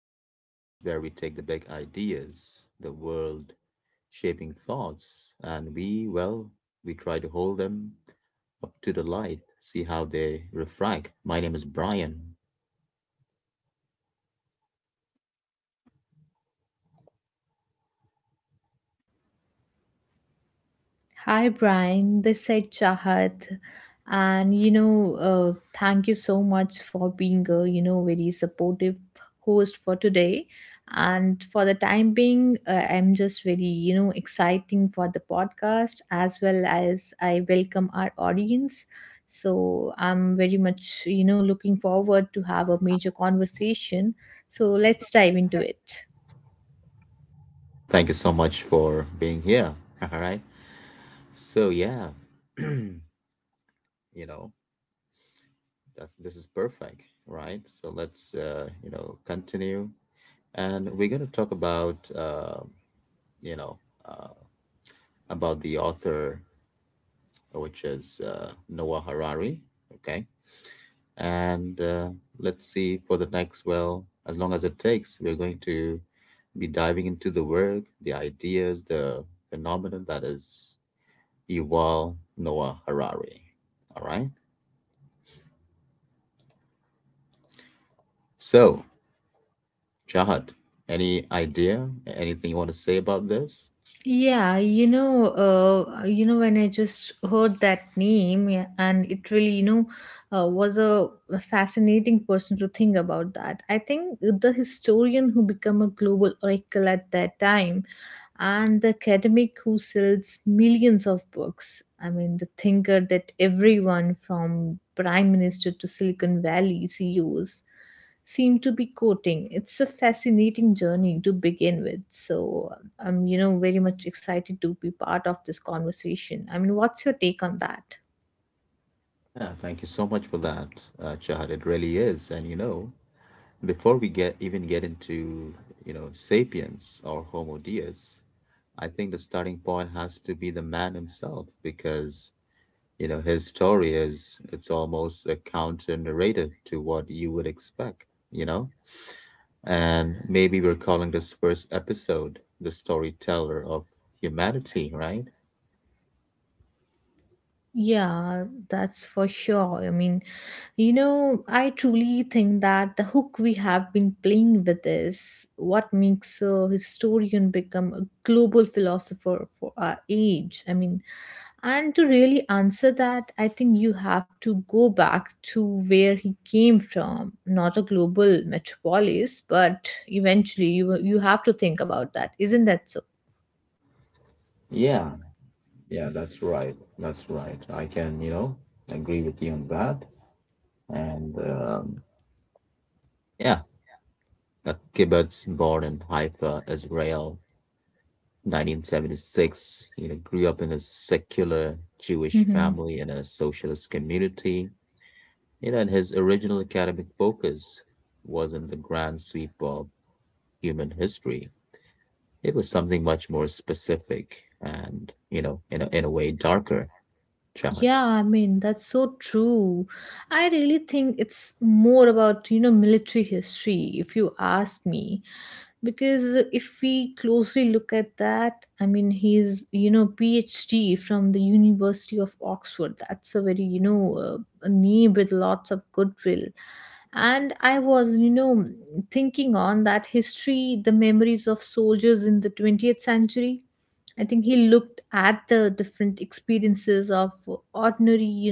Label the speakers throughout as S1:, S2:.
S1: a podcast where we take the big ideas, the world shaping thoughts, and we try to hold them up to the light, see how they refract. My name is Brian.
S2: Hi, Brian. This said Chahat. And, you know, uh, Thank you so much for being a, very supportive host for today. And for the time being, I'm just very, exciting for the podcast as well as I welcome our audience. So I'm very much, looking forward to have a major conversation. So let's dive into it.
S1: Thank you so much for being here. All right. So, yeah, you know, that's this is perfect, right? So, let's continue. And we're going to talk about, you know, uh, about the author, which is Noah Harari. Okay. And let's see for the next, well, as long as it takes, we're going to be diving into the work, the ideas, the phenomenon that is Yuval Noah Harari. All right. So, Chahat, any idea, anything you want to say about this?
S2: Yeah, you know, when I just heard that name, yeah, and it really, was a fascinating person to think about that. I think the historian who became a global oracle at that time, and the academic who sells millions of books. I mean, the thinker that everyone from prime minister to Silicon Valley CEOs seem to be quoting. It's a fascinating journey to begin with. So I'm very much excited to be part of this conversation. I mean, what's your take on that?
S1: Yeah, thank you so much for that, Chahat. It really is. And you know, before we get even get into, you know, Sapiens or Homo Deus, I think the starting point has to be the man himself because, you know, his story is it's almost a counter narrative to what you would expect, you know? And maybe we're calling this first episode the storyteller of humanity, right?
S2: Yeah, that's for sure. I mean, you know, I truly think that the hook we have been playing with is what makes a historian become a global philosopher for our age. I mean, and to really answer that, I think you have to go back to where he came from, not a global metropolis, but eventually you have to think about that. Isn't that so?
S1: Yeah, yeah, that's right. That's right. I can, you know, agree with you on that. And yeah, a kibbutz born in Haifa, Israel, 1976. You know, grew up in a secular Jewish
S2: Mm-hmm.
S1: family in a socialist community. You know, and his original academic focus wasn't the grand sweep of human history. It was something much more specific and, you know, in a way darker, Chahat.
S2: Yeah, I mean, that's so true. I really think it's more about, you know, military history, if you ask me. Because if we closely look at that, I mean, he's, you know, PhD from the University of Oxford. That's a very, a name with lots of goodwill. And I was, thinking on that history, the memories of soldiers in the 20th century. I think he looked at the different experiences of ordinary, you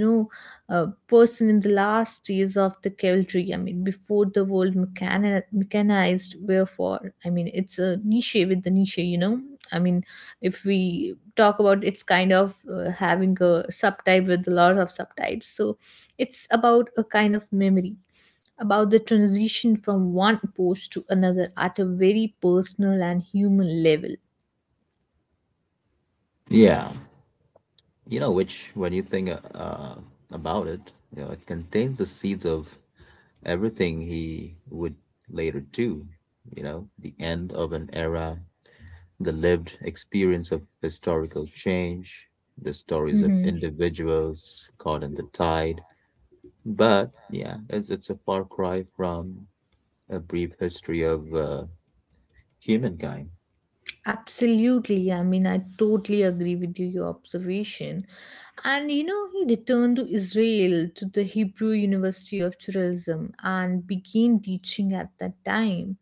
S2: know, uh, person in the last years of the cavalry. I mean, before the world mechanized, wherefore, I mean, it's a niche with the niche, you know. I mean, if we talk about it's kind of having a subtype with a lot of subtypes. So it's about a kind of memory about the transition from one post to another at a very personal and human level.
S1: Yeah, you know, which when you think about it, you know, it contains the seeds of everything he would later do. You know, the end of an era, the lived experience of historical change, the stories of individuals caught in the tide. But yeah, it's a far cry from a brief history of humankind.
S2: Absolutely. I mean, I totally agree with you, your observation. And you know, he returned to Israel to the Hebrew University of Tourism and began teaching at that time.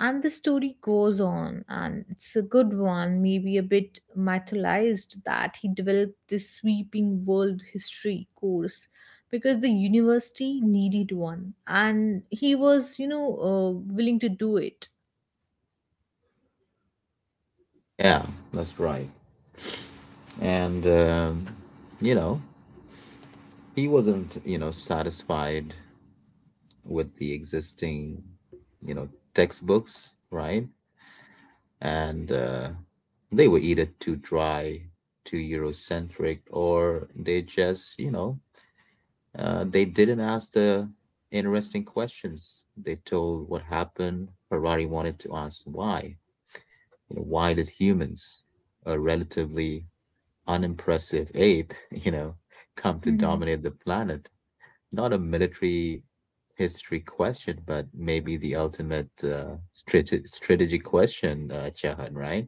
S2: And the story goes on, and it's a good one, maybe a bit mythologized that he developed this sweeping world history course because the university needed one, and he was, willing to do it.
S1: Yeah, that's right. And you know, he wasn't, you know, satisfied with the existing, you know, textbooks, right? and they were either too dry, too Eurocentric, or they just, you know, they didn't ask the interesting questions. They told what happened. Harari wanted to ask why. You know, why did humans, a relatively unimpressive ape, you know, come to dominate the planet? Not a military history question, but maybe the ultimate strategy question, Chahan, right?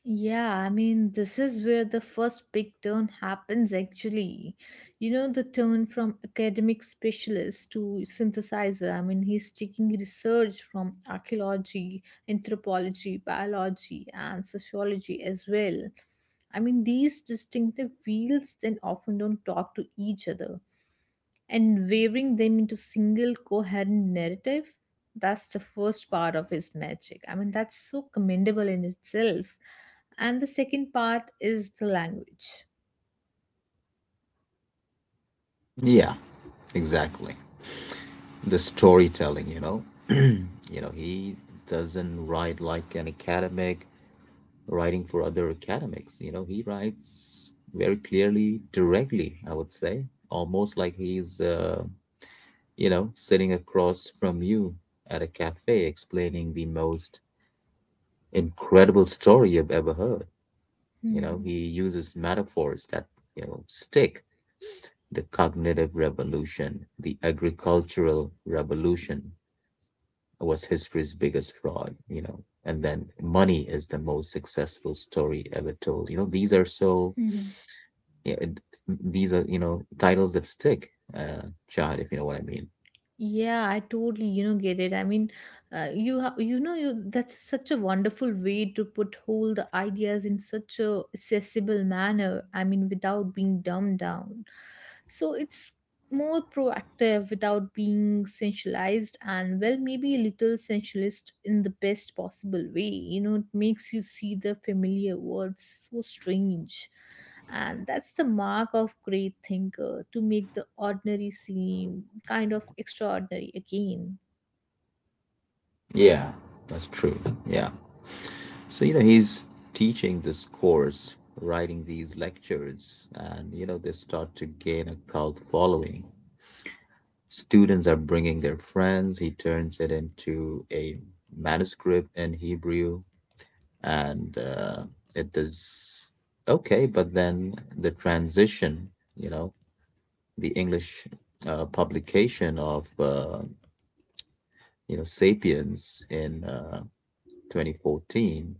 S2: Yeah, I mean, this is where the first big turn happens actually. You know, the turn from academic specialist to synthesizer. I mean, he's taking research from archaeology, anthropology, biology, and sociology as well. I mean, these distinctive fields then often don't talk to each other and weaving them into single coherent narrative. That's the first part of his magic. I mean, that's so commendable in itself. And the second part is the language.
S1: Yeah, exactly. The storytelling, you know. You know, he doesn't write like an academic writing for other academics. You know, he writes very clearly, directly, I would say, almost like he's, you know, sitting across from you at a cafe explaining the most incredible story you've ever heard. You know,
S2: Hmm.
S1: he uses metaphors that, you know, stick: the cognitive revolution, the agricultural revolution, was history's biggest fraud, you know. And then money is the most successful story ever told. You know, these are so,
S2: Hmm.
S1: yeah, it- these are, you know, titles that stick, Chad, if you know what I mean.
S2: Yeah, I totally you know get it I mean you ha- you know you that's such a wonderful way to put all the ideas in such a accessible manner. I mean, without being dumbed down, so it's more proactive without being sensualized, and well, maybe a little sensualist in the best possible way. You know, it makes you see the familiar words so strange, and that's the mark of great thinker, to make the ordinary seem kind of extraordinary again.
S1: Yeah, that's true. Yeah. So, you know, he's teaching this course, writing these lectures, and, you know, they start to gain a cult following. Students are bringing their friends. He turns it into a manuscript in Hebrew, and it is okay, but then the transition, you know, the english publication of, you know, sapiens in, 2014,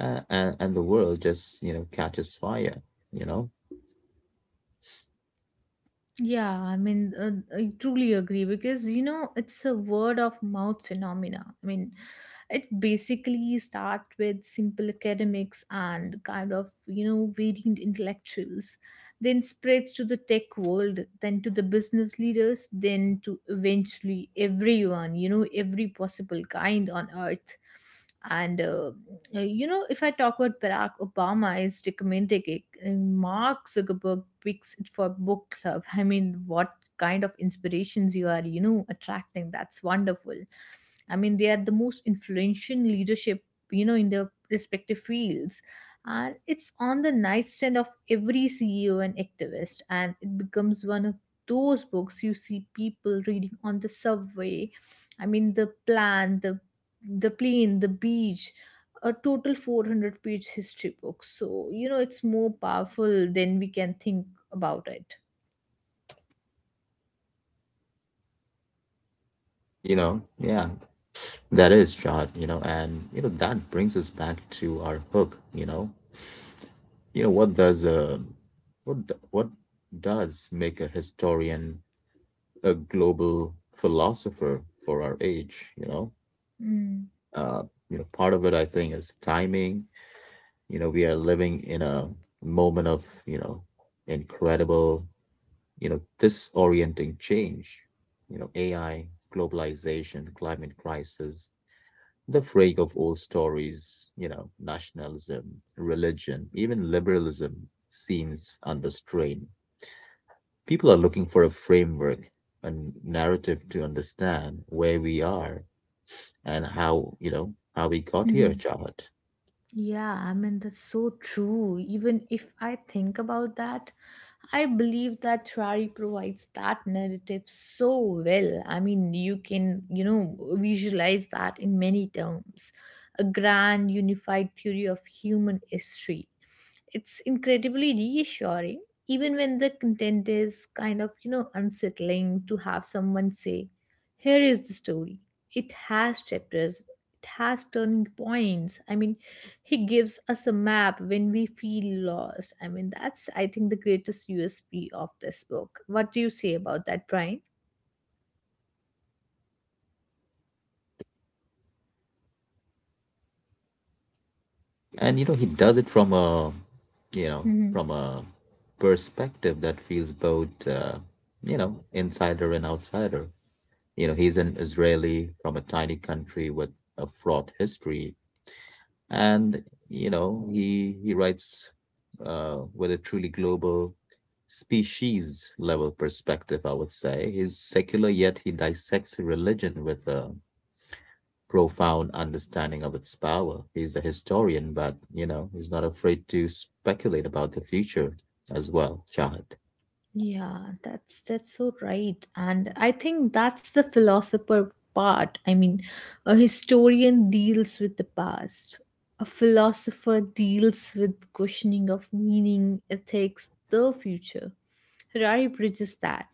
S1: and the world just, you know, catches fire, you know,
S2: Yeah, I mean, I truly agree because you know it's a word of mouth phenomena. I mean, it basically starts with simple academics and kind of you know variant intellectuals, then spreads to the tech world, then to the business leaders, then to eventually everyone, you know, every possible kind on earth. And, uh, if I talk about, Barack Obama is recommending it, and Mark Zuckerberg picks it for book club. I mean, what kind of inspirations you are, attracting. That's wonderful. I mean, they are the most influential leadership, you know, in their respective fields, and it's on the nightstand of every CEO and activist, and it becomes one of those books you see people reading on the subway. I mean, the plan, the plane, the beach, a total 400-page history book. So, you know, it's more powerful than we can think about it.
S1: you know. Yeah, that is shot, you know. And you know that brings us back to our hook, you know, you know what does a what does make a historian a global philosopher for our age, you know.
S2: Mm.
S1: Uh, you know, part of it I think is timing. You know, we are living in a moment of, you know, incredible, you know, disorienting change. You know, AI, globalization, climate crisis, the fraying of old stories, you know, nationalism, religion, even liberalism seems under strain. People are looking for a framework, a narrative to understand where we are and how, you know, how we got here, Chahat.
S2: Yeah, I mean, that's so true. Even if I think about that, I believe that Trari provides that narrative so well. I mean, you can, you know, visualize that in many terms, a grand unified theory of human history. It's incredibly reassuring, even when the content is kind of, you know, unsettling, to have someone say, "Here is the story. It has chapters, it has turning points." I mean, he gives us a map when we feel lost. I mean, that's, I think, the greatest USP of this book. What do you say about that, Brian?
S1: And you know he does it from you know a perspective that feels both, you know, insider and outsider. You know he's an Israeli from a tiny country with a fraught history, and you know he writes, with a truly global species level perspective, I would say. He's secular, yet he dissects religion with a profound understanding of its power. He's a historian, but you know, he's not afraid to speculate about the future as well, Shahid.
S2: Yeah, that's so right. And I think that's the philosopher part. I mean, a historian deals with the past. A philosopher deals with questioning of meaning, ethics, the future. Harari bridges that.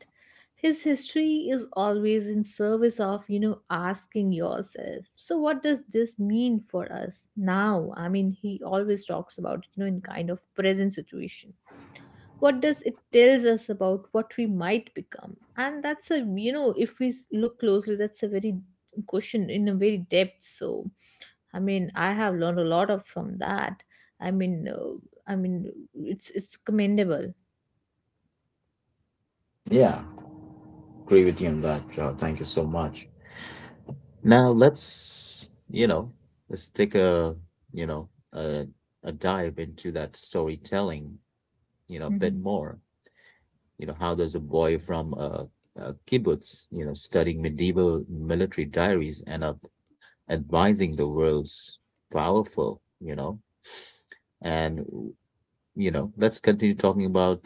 S2: His history is always in service of, you know, asking yourself, so what does this mean for us now? I mean, he always talks about, you know, in kind of present situation, what does it tells us about what we might become? And that's a, you know, if look closely, that's a very question in a very depth. So I mean, I have learned a lot of from that. I mean uh, i mean it's commendable.
S1: Yeah, agree with you on that, Joe. Thank you so much. Now let's, you know, let's take a, you know, a, a dive into that storytelling, you know, a bit
S2: Hmm.
S1: more. You know, how does a boy from a kibbutz, you know, studying medieval military diaries end up advising the world's powerful, you know? And, you know, let's continue talking about,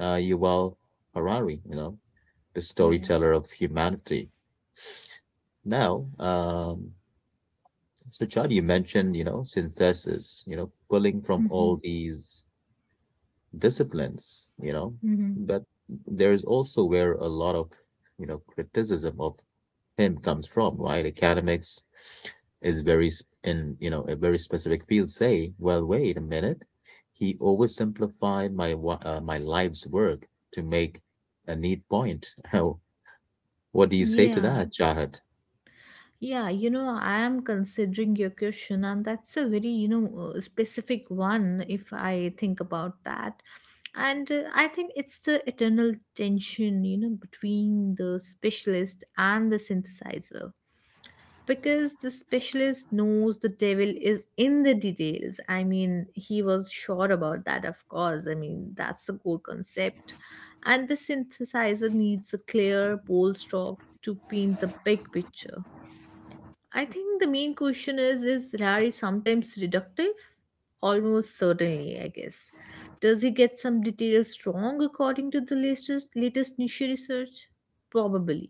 S1: Yuval Harari, you know, the
S2: Yeah.
S1: storyteller of humanity. Now, so Chad, you mentioned, you know, synthesis, you know, pulling from
S2: Hmm.
S1: all these disciplines, you know,
S2: Hmm.
S1: but there is also where a lot of, you know, criticism of him comes from, right? Academics is very s- in you know, a very specific field. Say, well, wait a minute, he oversimplified my life's work to make a neat point. How? What do you say to
S2: Yeah.
S1: that, Jahat?
S2: Yeah, you know, I am considering your question, and that's a very, specific one if I think about that. And I think it's the eternal tension, you know, between the specialist and the synthesizer. Because the specialist knows the devil is in the details. I mean, he was sure about that, of course. I mean, that's the core concept. And the synthesizer needs a clear, bold stroke to paint the big picture. I think the main question is Larry sometimes reductive? Almost certainly, I guess. Does he get some details wrong according to the latest niche research? Probably.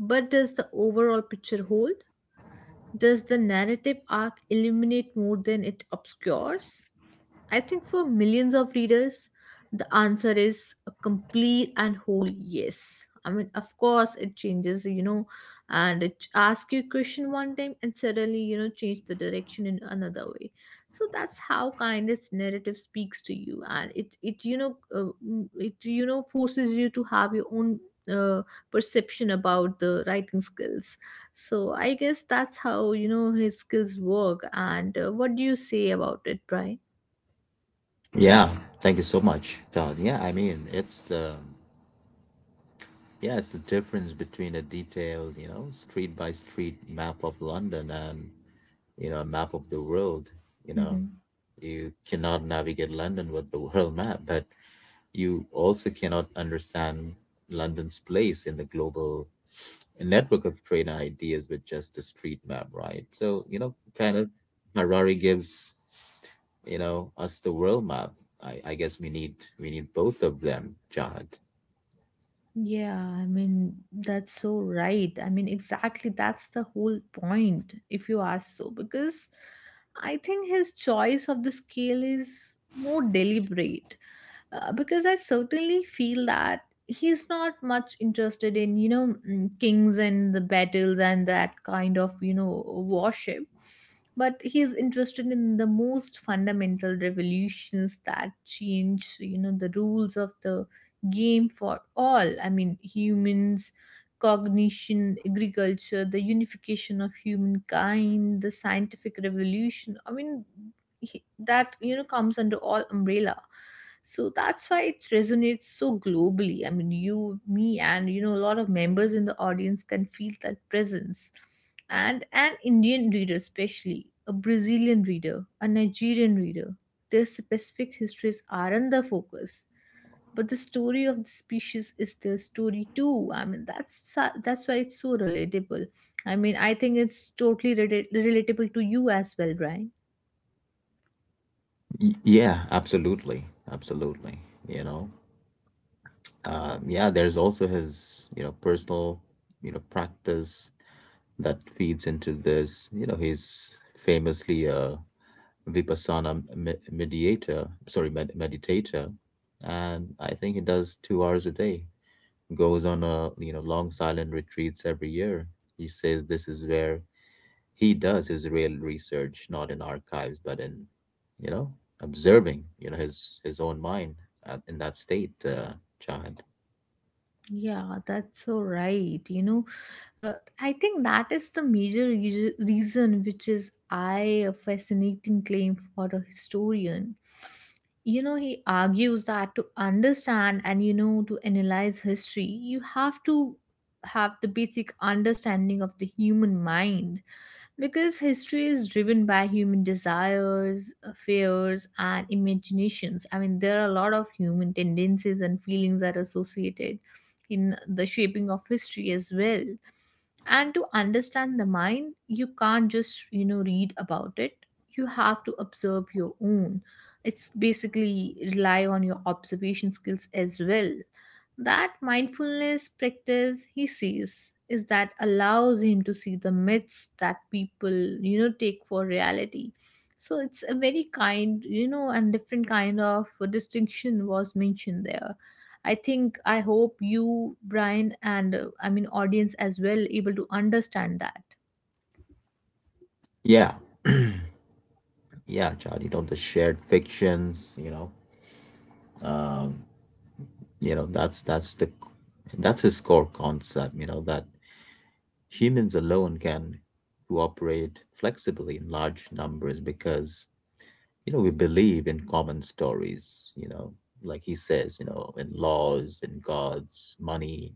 S2: But does the overall picture hold? Does the narrative arc illuminate more than it obscures? I think for millions of readers, the answer is a complete and whole yes. I mean, of course, it changes, you know, and it asks you a question one time and suddenly, you know, change the direction in another way. So that's how kind its narrative speaks to you, and it you know mm, it you know forces you to have your own uh, perception about the writing skills. So I guess that's how you know his skills work. And what do you say about it, Brian?
S1: Yeah, thank you so much, Jahat. Yeah, it's the difference between a detailed, you know, street by street map of London and, you know, a map of the world. You know,
S2: Mm-hmm.
S1: you cannot navigate London with the world map, but you also cannot understand London's place in the global network of trade ideas with just the street map, right? So, you know, kind of Harari gives, you know, us the world map. I guess we need both of them, Jihad.
S2: Yeah, I mean, that's so right. I mean, exactly, that's the whole point, if you ask so, because I think his choice of the scale is more deliberate. Because I certainly feel that he's not much interested in you know kings and the battles and that kind of you know worship, but he's interested in the most fundamental revolutions that change you know the rules of the game for all. I mean, humans, cognition, agriculture, the unification of humankind, the scientific revolution. I mean, that you know comes under all umbrella. So that's why it resonates so globally. I mean, you, me, and you know, a lot of members in the audience can feel that presence. And an Indian reader, especially a Brazilian reader, a Nigerian reader, their specific histories aren't the focus, but the story of the species is their story too. That's why it's so relatable. I mean, I think it's totally relatable to you as well, right?
S1: Y- Yeah, absolutely, Absolutely. You know, yeah, there's also his, you know, personal, you know, practice that feeds into this. You know, he's famously a vipassana me- mediator, sorry, med meditator, and I think he does 2 hours a day. Goes on, a, you know, long silent retreats every year. He says this is where he does his real research, not in archives, but in, you know, observing, you know, his own mind at, in that state, Chad.
S2: Yeah, that's so right. You know, uh, I think that is the major reason, which is I a fascinating claim for a historian. You know, he argues that to understand and you know to analyze history, you have to have the basic understanding of the human mind, because history is driven by human desires, fears, and imaginations. I mean, there are a lot of human tendencies and feelings that are associated in the shaping of history as well. And to understand the mind, you can't just, you know, read about it. You have to observe your own. It's basically rely on your observation skills as well. That mindfulness practice he sees is that allows him to see the myths that people, you know, take for reality. So it's a very kind, you know, and different kind of distinction was mentioned there. I think I hope you, Brian, and I mean audience as well able to understand that.
S1: Yeah, yeah, Chad, you know, the shared fictions, you know, um you know, that's his core concept, you know, that humans alone can cooperate flexibly in large numbers because, you know, we believe in common stories, you know, like he says, you know, in laws, in gods, money,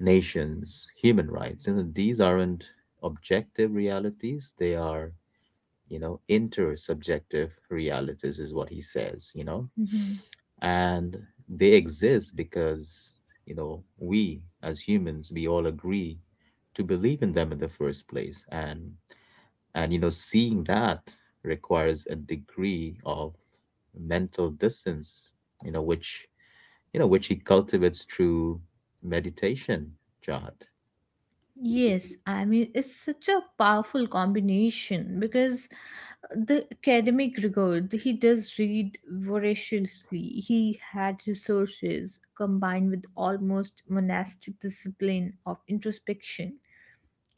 S1: nations, human rights. You know, these aren't objective realities. They are, you know, intersubjective realities is what he says, you know.
S2: Mhm.
S1: And they exist because, you know, we as humans, we all agree to believe in them in the first place. And you know, seeing that requires a degree of mental distance, you know, which he cultivates through meditation, Jihad.
S2: Yes, I mean, it's such a powerful combination because the academic rigor, he does read voraciously. He had resources combined with almost monastic discipline of introspection.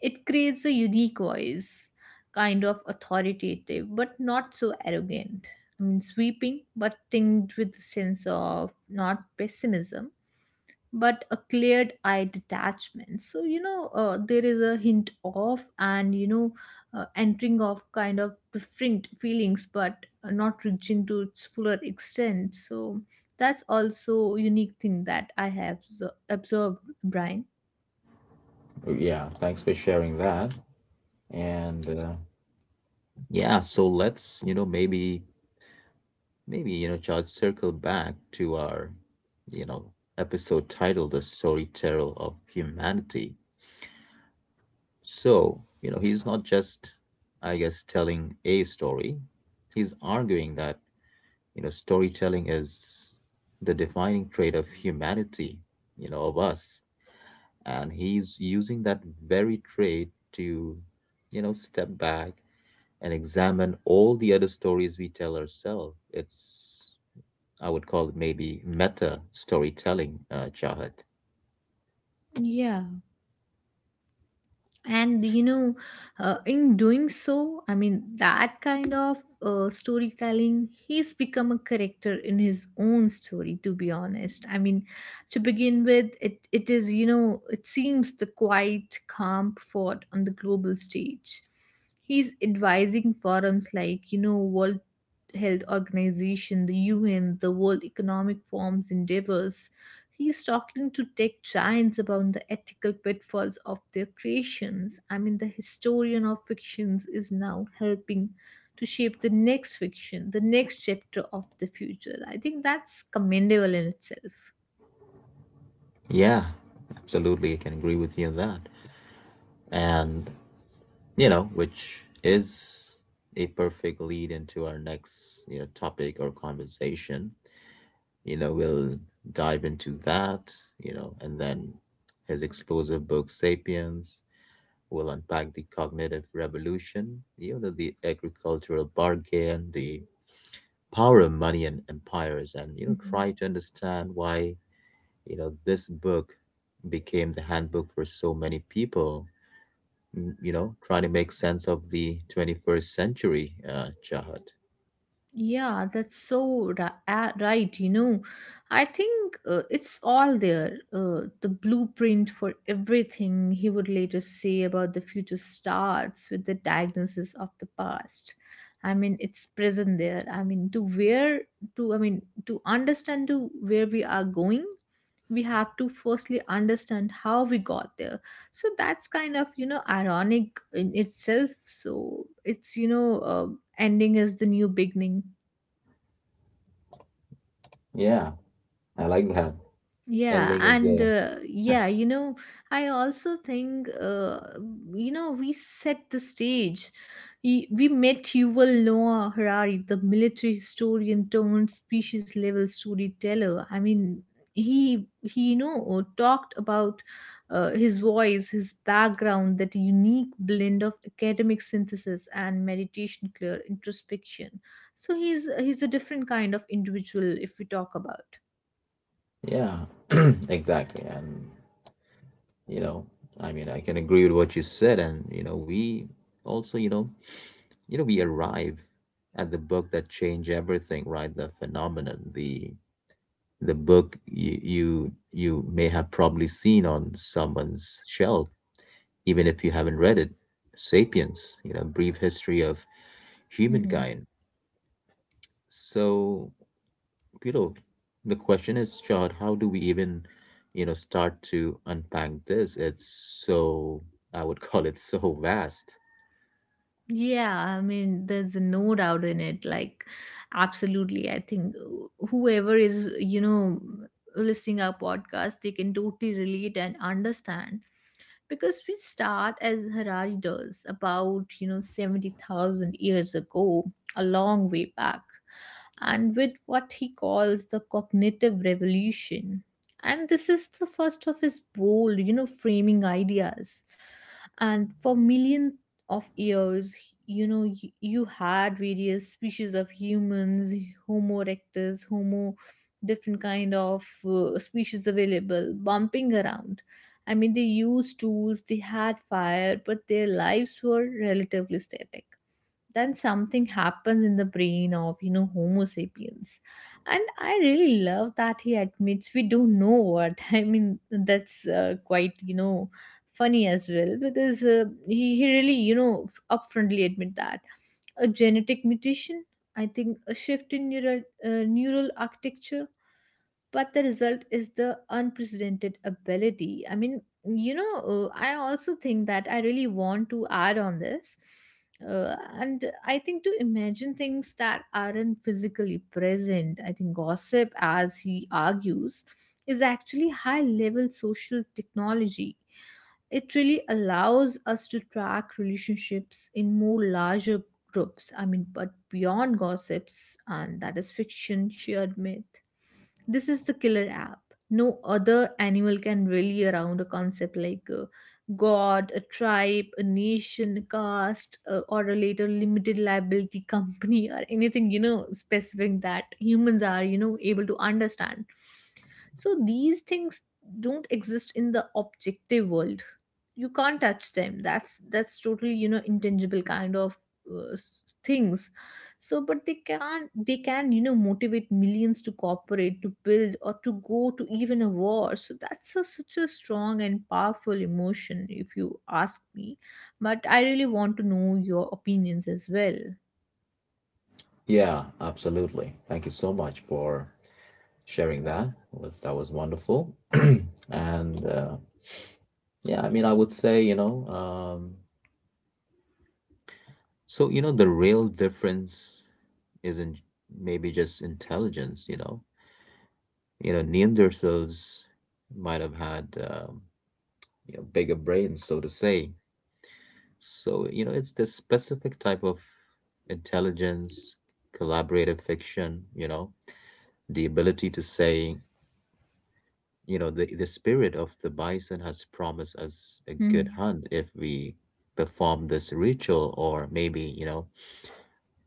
S2: It creates a unique voice, kind of authoritative, but not so arrogant. I mean, sweeping, but tinged with a sense of not pessimism, but a cleared eye detachment. So, you know, there is a hint of and, you know, entering of kind of different feelings, but not reaching to its fuller extent. So, that's also a unique thing that I have observed, Brian.
S1: Oh, yeah, thanks for sharing that. And yeah, so let's, you know, maybe, you know, just circle back to our, you know, episode titled The Storyteller of Humanity. So, you know, he's not just, I guess, telling a story. He's arguing that, you know, storytelling is the defining trait of humanity, you know, of us. And he's using that very trait to, you know, step back and examine all the other stories we tell ourselves. It's, I would call it maybe meta storytelling, Chahat.
S2: Yeah. And you know, in doing so, I mean, that kind of storytelling, he's become a character in his own story, to be honest. I mean, to begin with, it is, you know, it seems the quiet calm fought on the global stage. He's advising forums like, you know, World Health Organization, the UN, the World Economic Forum's endeavors. He's talking to tech giants about the ethical pitfalls of their creations. I mean, the historian of fictions is now helping to shape the next fiction, the next chapter of the future. I think that's commendable in itself.
S1: Yeah, absolutely. I can agree with you on that. And, you know, which is a perfect lead into our next, you know, topic or conversation. You know, we'll dive into that, you know, and then his explosive book, Sapiens, will unpack the cognitive revolution, you know, the agricultural bargain, the power money and empires, and you know
S2: Mm-hmm.
S1: try to understand why, you know, this book became the handbook for so many people you know trying to make sense of the 21st century, chahat.
S2: Yeah, that's so right. You know, I think it's all there. The blueprint for everything he would later say about the future starts with the diagnosis of the past. I mean, it's present there. I mean, I mean, to understand to where we are going, we have to firstly understand how we got there. So that's kind of, you know, ironic in itself. So it's, you know, ending is the new beginning.
S1: Yeah, I like that.
S2: Yeah,
S1: Ending is
S2: and
S1: the,
S2: yeah, you know, I also think, you know, we set the stage. We met Yuval Noah Harari, the military historian turned species level storyteller. I mean, he you know talked about his voice, his background, that unique blend of academic synthesis and meditation, clear introspection. So he's a different kind of individual if we talk about.
S1: yeah, exactly. And you know, I mean, I can agree with what you said, and you know, we also, you know, we arrive at the book that changed everything, right? The phenomenon, the book you may have probably seen on someone's shelf, even if you haven't read it. *Sapiens*, you know, brief history of
S2: Mhm.
S1: humankind. So, you know, the question is, Chad, how do we even, you know, start to unpack this? It's so, I would call it so vast.
S2: Yeah, I mean, there's no doubt in it. Like, absolutely. I think whoever is, you know, listening our podcast, they can totally relate and understand, because we start as Harari does about, you know, 70,000 years ago, a long way back, and with what he calls the cognitive revolution. And this is the first of his bold, you know, framing ideas. And for millions of years, you know, you had various species of humans, homo erectus, homo, different kind of species available bumping around. I mean, they used tools, they had fire, but their lives were relatively static. Then something happens in the brain of, you know, homo sapiens. And I really love that he admits we don't know what. I mean, that's quite, you know, funny as well, because he really, you know, upfrontly admit that a genetic mutation, I think a shift in neural neural architecture, but the result is the unprecedented ability. I mean, you know, I also think that I really want to add on this. uh, and I think to imagine things that aren't physically present, I think gossip, as he argues, is actually high level social technology. It really allows us to track relationships in more larger groups. I mean, but beyond gossips and that is fiction, shared myth. This is the killer app. No other animal can rally around a concept like a god, a tribe, a nation, a caste, or a later limited liability company, or anything, you know, specific that humans are, you know, able to understand. So these things don't exist in the objective world. You can't touch them. That's totally, you know, intangible kind of things. So, but they can, you know, motivate millions to cooperate, to build, or to go to even a war. So that's a, such a strong and powerful emotion if you ask me. But I really want to know your opinions as well.
S1: Yeah, absolutely. Thank you so much for sharing that. Was that was wonderful. and uh, yeah, I mean, I would say, you know, um, So, you know, the real difference isn't. Maybe just intelligence, you know. You know, Neanderthals might have had um, you know, bigger brains, so to say. So, you know, it's this specific type of intelligence, collaborative fiction, you know, the ability to say, you know, the spirit of the bison has promised us a good
S2: Mhm.
S1: hunt if we perform this ritual, or maybe, you know,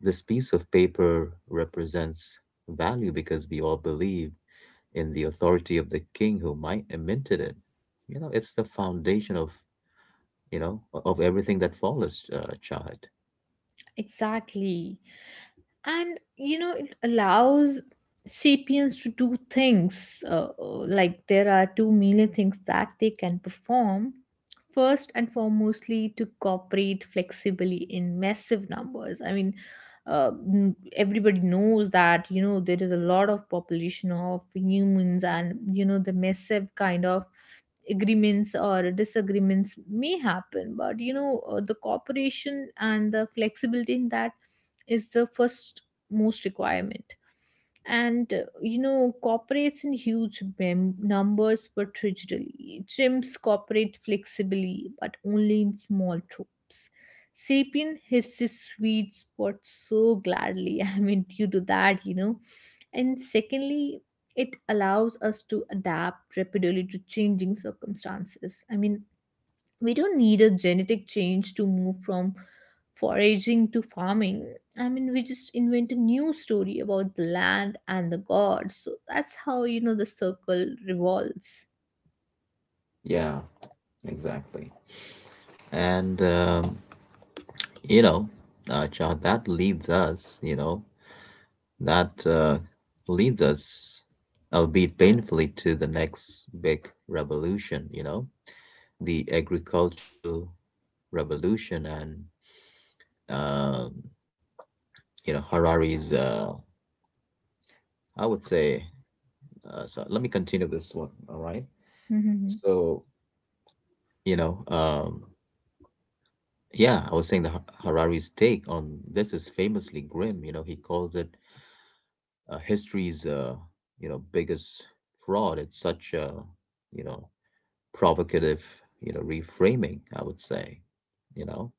S1: this piece of paper represents value because we all believe in the authority of the king who might have minted it. You know, it's the foundation of, you know, of everything that follows, Chahat.
S2: Exactly. And you know, it allows sapiens to do things, like there are 2 million things that they can perform. First and foremostly, to cooperate flexibly in massive numbers. I mean, everybody knows that, you know, there is a lot of population of humans, and you know, the massive kind of agreements or disagreements may happen, but you know, the cooperation and the flexibility in that is the first most requirement. And you know, cooperates in huge numbers but rigidly. Chimps cooperate flexibly but only in small troops. Sapien hits his sweet spot so gladly. I mean, due to that, you know. And secondly, it allows us to adapt rapidly to changing circumstances. I mean, we don't need a genetic change to move from foraging to farming. I mean, we just invent a new story about the land and the gods. So that's how, you know, the circle revolves.
S1: Yeah, exactly. And, you know, Chahat, that leads us, you know, that leads us, albeit painfully, to the next big revolution, you know, the agricultural revolution and um, you know, Harari's. I would say. So let me continue this one. All right. So you know, yeah, I was saying the Harari's take on this is famously grim. You know, he calls it history's you know, biggest fraud. It's such a you know provocative, you know, reframing, I would say, you know.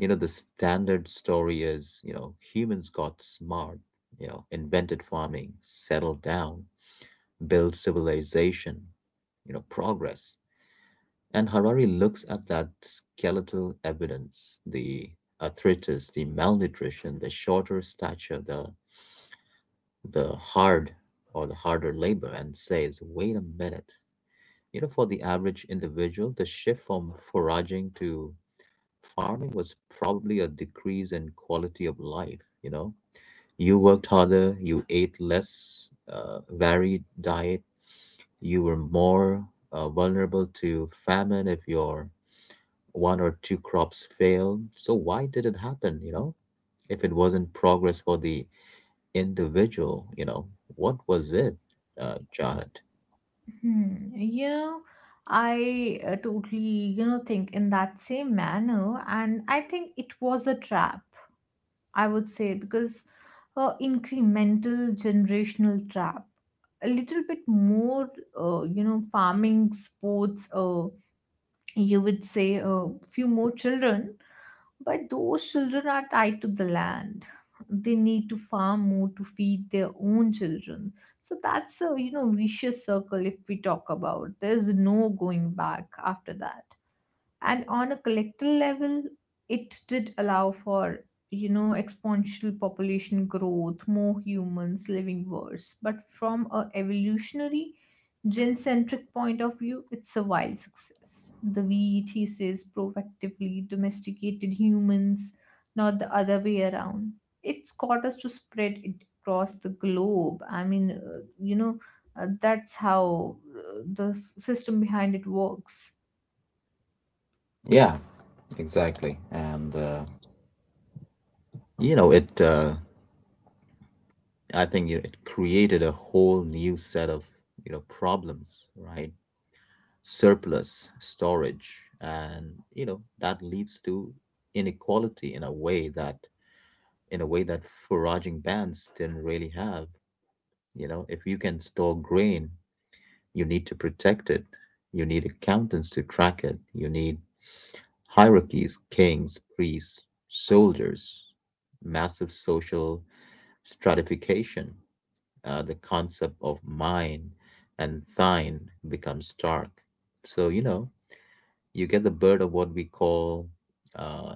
S1: You know, the standard story is, you know, humans got smart, you know, invented farming, settled down, built civilization, you know, progress. And Harari looks at that skeletal evidence, the arthritis, the malnutrition, the shorter stature, the hard the harder labor, and says, wait a minute, you know, for the average individual, the shift from foraging to farming was probably a decrease in quality of life. You know, you worked harder, you ate less varied diet, you were more vulnerable to famine if your one or two crops failed. So, why did it happen? You know, if it wasn't progress for the individual, you know, what was it, Jahat?
S2: Hmm. You know, I totally, you know, think in that same manner, and I think it was a trap, I would say, because incremental generational trap, a little bit more, you know, farming sports, you would say a few more children, but those children are tied to the land. They need to farm more to feed their own children. So that's a, you know, vicious circle, if we talk about. There's no going back after that. And on a collective level, it did allow for, you know, exponential population growth, more humans living worse, but from a evolutionary gen-centric point of view, it's a wild success. The we thesis proactively domesticated humans, not the other way around. It's got us to spread it across the globe. I mean, you know, that's how the system behind it works.
S1: Yeah, exactly. And you know it I think you it created a whole new set of you know problems, right? Surplus storage, and you know that leads to inequality in a way that foraging bands didn't really have. You know, if you can store grain, you need to protect it. You need accountants to track it. You need hierarchies, kings, priests, soldiers, massive social stratification, the concept of mine and thine becomes stark. So, you know, you get the bird of what we call uh,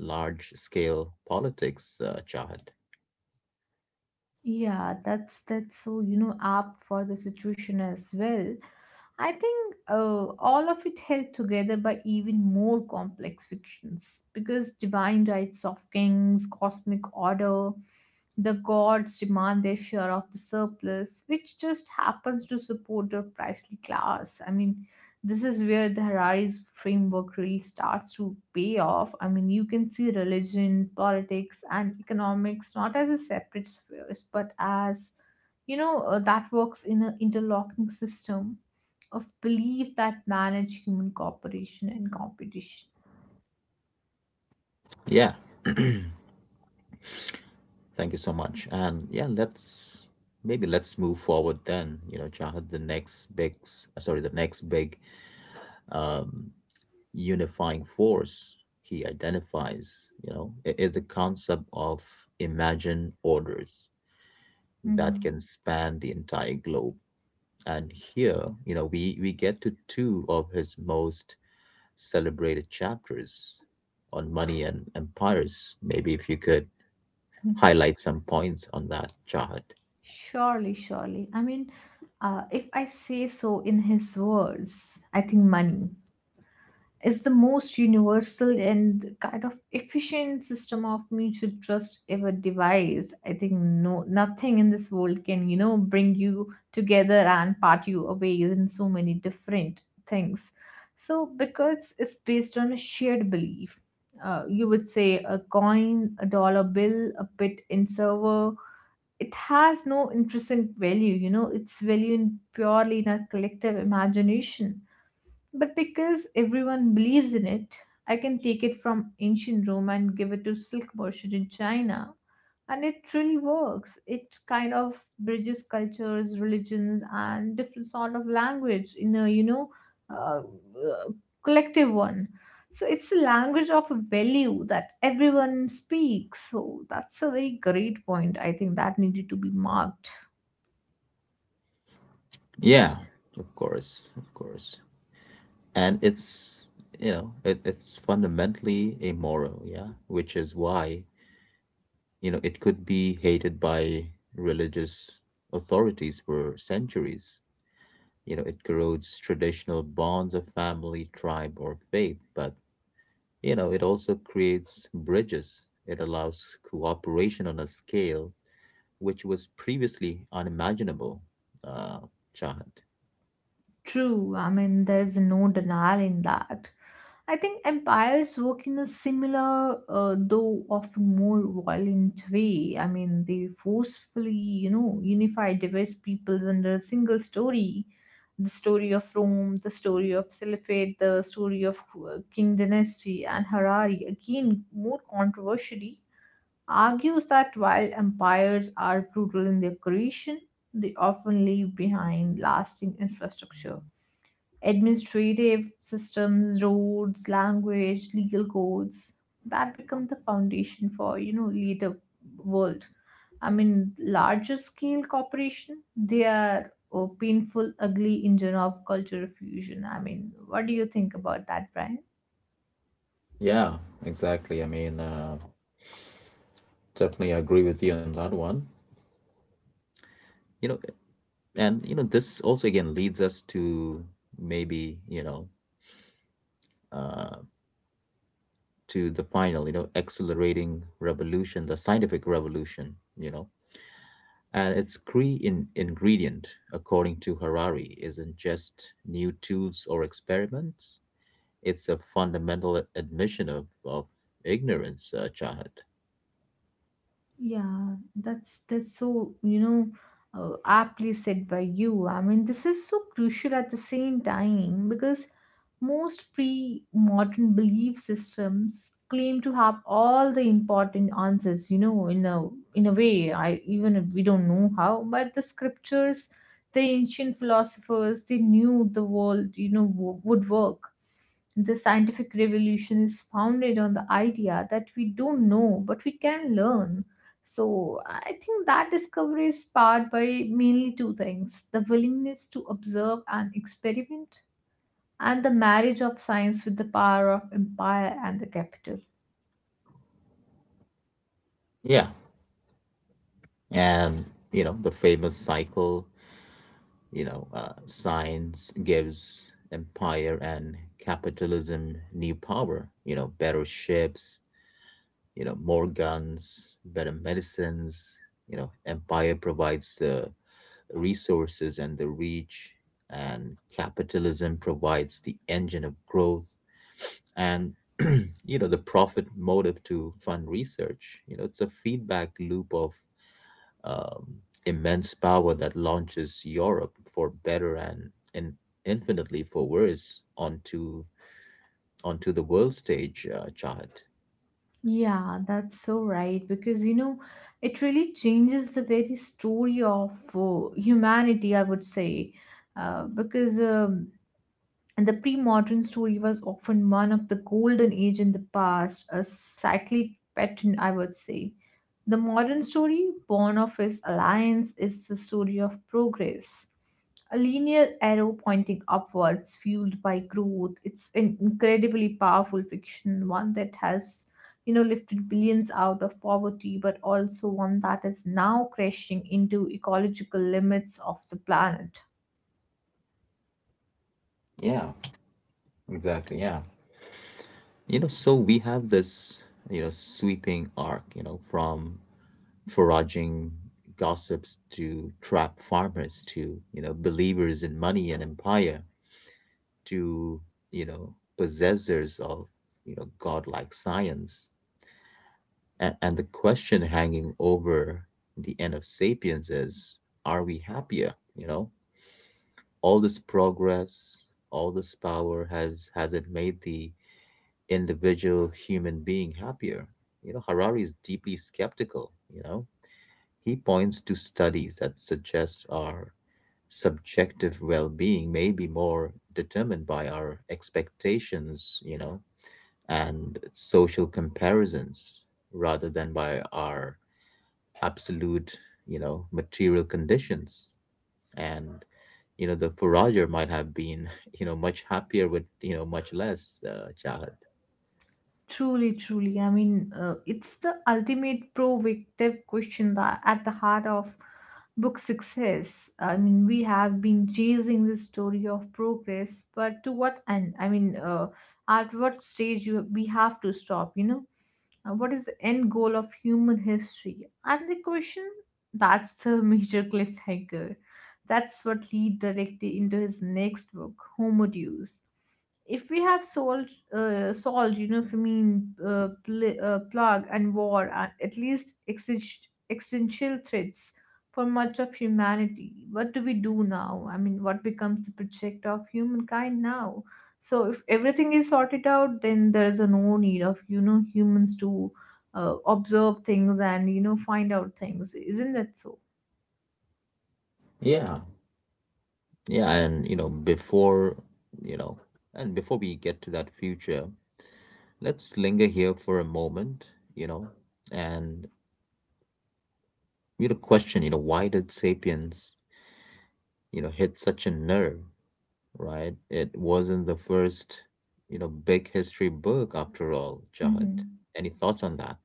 S1: large scale politics, Chahat.
S2: Yeah, that's so, you know, apt for the situation as well. I think all of it held together by even more complex fictions, because divine rights of kings, cosmic order, the gods demand their share of the surplus, which just happens to support the priestly class. I mean, this is where the Harari's framework really starts to pay off. I mean, you can see religion, politics, and economics not as a separate spheres, but as, you know, that works in an interlocking system of belief that manage human cooperation and competition.
S1: Yeah, thank you so much. And yeah, let's move forward then, you know, Chahat, the next big um, unifying force he identifies, you know, is the concept of imagined orders that can
S2: Mhm.
S1: span the entire globe. And here, you know, we get to two of his most celebrated chapters on money and empires. Maybe if you could
S2: Mhm.
S1: highlight some points on that, Chahat.
S2: Surely, surely. I mean, if I say so in his words, I think money is the most universal and kind of efficient system of mutual trust ever devised. I think no nothing in this world can, you know, bring you together and part you away in so many different things. So because it's based on a shared belief. You would say a coin, a dollar bill, a bit in server. It has no intrinsic value, you know, its value in purely in our collective imagination, but because everyone believes in it, I can take it from ancient Rome and give it to silk merchant in China. And it really works. It kind of bridges cultures, religions, and different sort of language in a, you know, uh, uh, collective one. So it's a language of value that everyone speaks. So that's a very great point. I think that needed to be marked.
S1: Yeah, of course, of course. And it's, you know, it, it's fundamentally immoral, yeah, which is why, you know, it could be hated by religious authorities for centuries. You know, it corrodes traditional bonds of family, tribe or faith, but you know it also creates bridges. It allows cooperation on a scale which was previously unimaginable, uh, Chahat.
S2: True, I mean, there's no denial in that. I think empires work in a similar, though often more violent way. I mean, they forcefully, you know, unify diverse peoples under a single story. The story of Rome, the story of Caliphate, the story of King Dynasty, and Harari, again, more controversially, argues that while empires are brutal in their creation, they often leave behind lasting infrastructure, administrative systems, roads, language, legal codes, that become the foundation for, you know, later world. I mean, larger scale corporation. They are a painful, ugly engine of cultural fusion. I mean, what do you think about that, Brian?
S1: Yeah, exactly. I mean, definitely agree with you on that one. you know you know, this also again leads us to maybe you know uh to the final, you know, accelerating revolution, the scientific revolution. You know, and its key in ingredient, according to Harari, isn't just new tools or experiments, it's a fundamental admission of ignorance, Chahat.
S2: Yeah, that's so, you know, aptly said by you. I mean, this is so crucial at the same time, because most pre-modern belief systems claim to have all the important answers, you know, in a way. I even if we don't know how, but the scriptures, the ancient philosophers, they knew the world, you know, would work. The scientific revolution is founded on the idea that we don't know, but we can learn. So I think that discovery is powered by mainly two things: the willingness to observe and experiment, and the marriage of science with the power of empire and the capital.
S1: Yeah. And, you know, the famous cycle, you know, science gives empire and capitalism new power, you know, better ships, you know, more guns, better medicines, you know, empire provides the resources and the reach, and capitalism provides the engine of growth and you know the profit motive to fund research. You know, it's a feedback loop of um, immense power that launches Europe, for better and, in, infinitely for worse, onto the world stage, Chahat.
S2: Yeah, that's so right, because you know it really changes the very story of humanity, I would say. Because and the pre-modern story was often one of the golden age in the past, a cyclic pattern, I would say. The modern story, born of his alliance, is the story of progress. A linear arrow pointing upwards, fueled by growth. It's an incredibly powerful fiction, one that has, lifted billions out of poverty, but also one that is now crashing into ecological limits of the planet.
S1: Yeah, exactly. Yeah. You know, so we have this, you know, sweeping arc, you know, from foraging gossips to trap farmers, to you know believers in money and empire, to you know possessors of you know godlike science, and the question hanging over the end of sapiens is, are we happier? You know, all this progress, all this power, has it made the individual human being happier? You know, Harari is deeply skeptical, you know. He points to studies that suggest our subjective well-being may be more determined by our expectations, you know, and social comparisons rather than by our absolute, you know, material conditions. And you know, the forager might have been, you know, much happier with, you know, much less, Chahat.
S2: Truly, truly. I mean, it's the ultimate provocative question that at the heart of book success. I mean, we have been chasing this story of progress, but to what end? I mean, at what stage you we have to stop? What is the end goal of human history? And the question that's the major cliffhanger. That's what lead directly into his next book, Homo Deus, if we have solved, famine, plague, and war, at least existential threats for much of humanity. What do we do now? I mean, what becomes the project of humankind now? So if everything is sorted out, then there is a no need of, humans to observe things and, find out things, isn't that so?
S1: Yeah, yeah, and you know, before, you know, and before we get to that future, let's linger here for a moment, you know, and really question, you know, why did Sapiens, you know, hit such a nerve, right? It wasn't the first, you know, big history book after all, Jahad.
S2: Hmm.
S1: Any thoughts on that?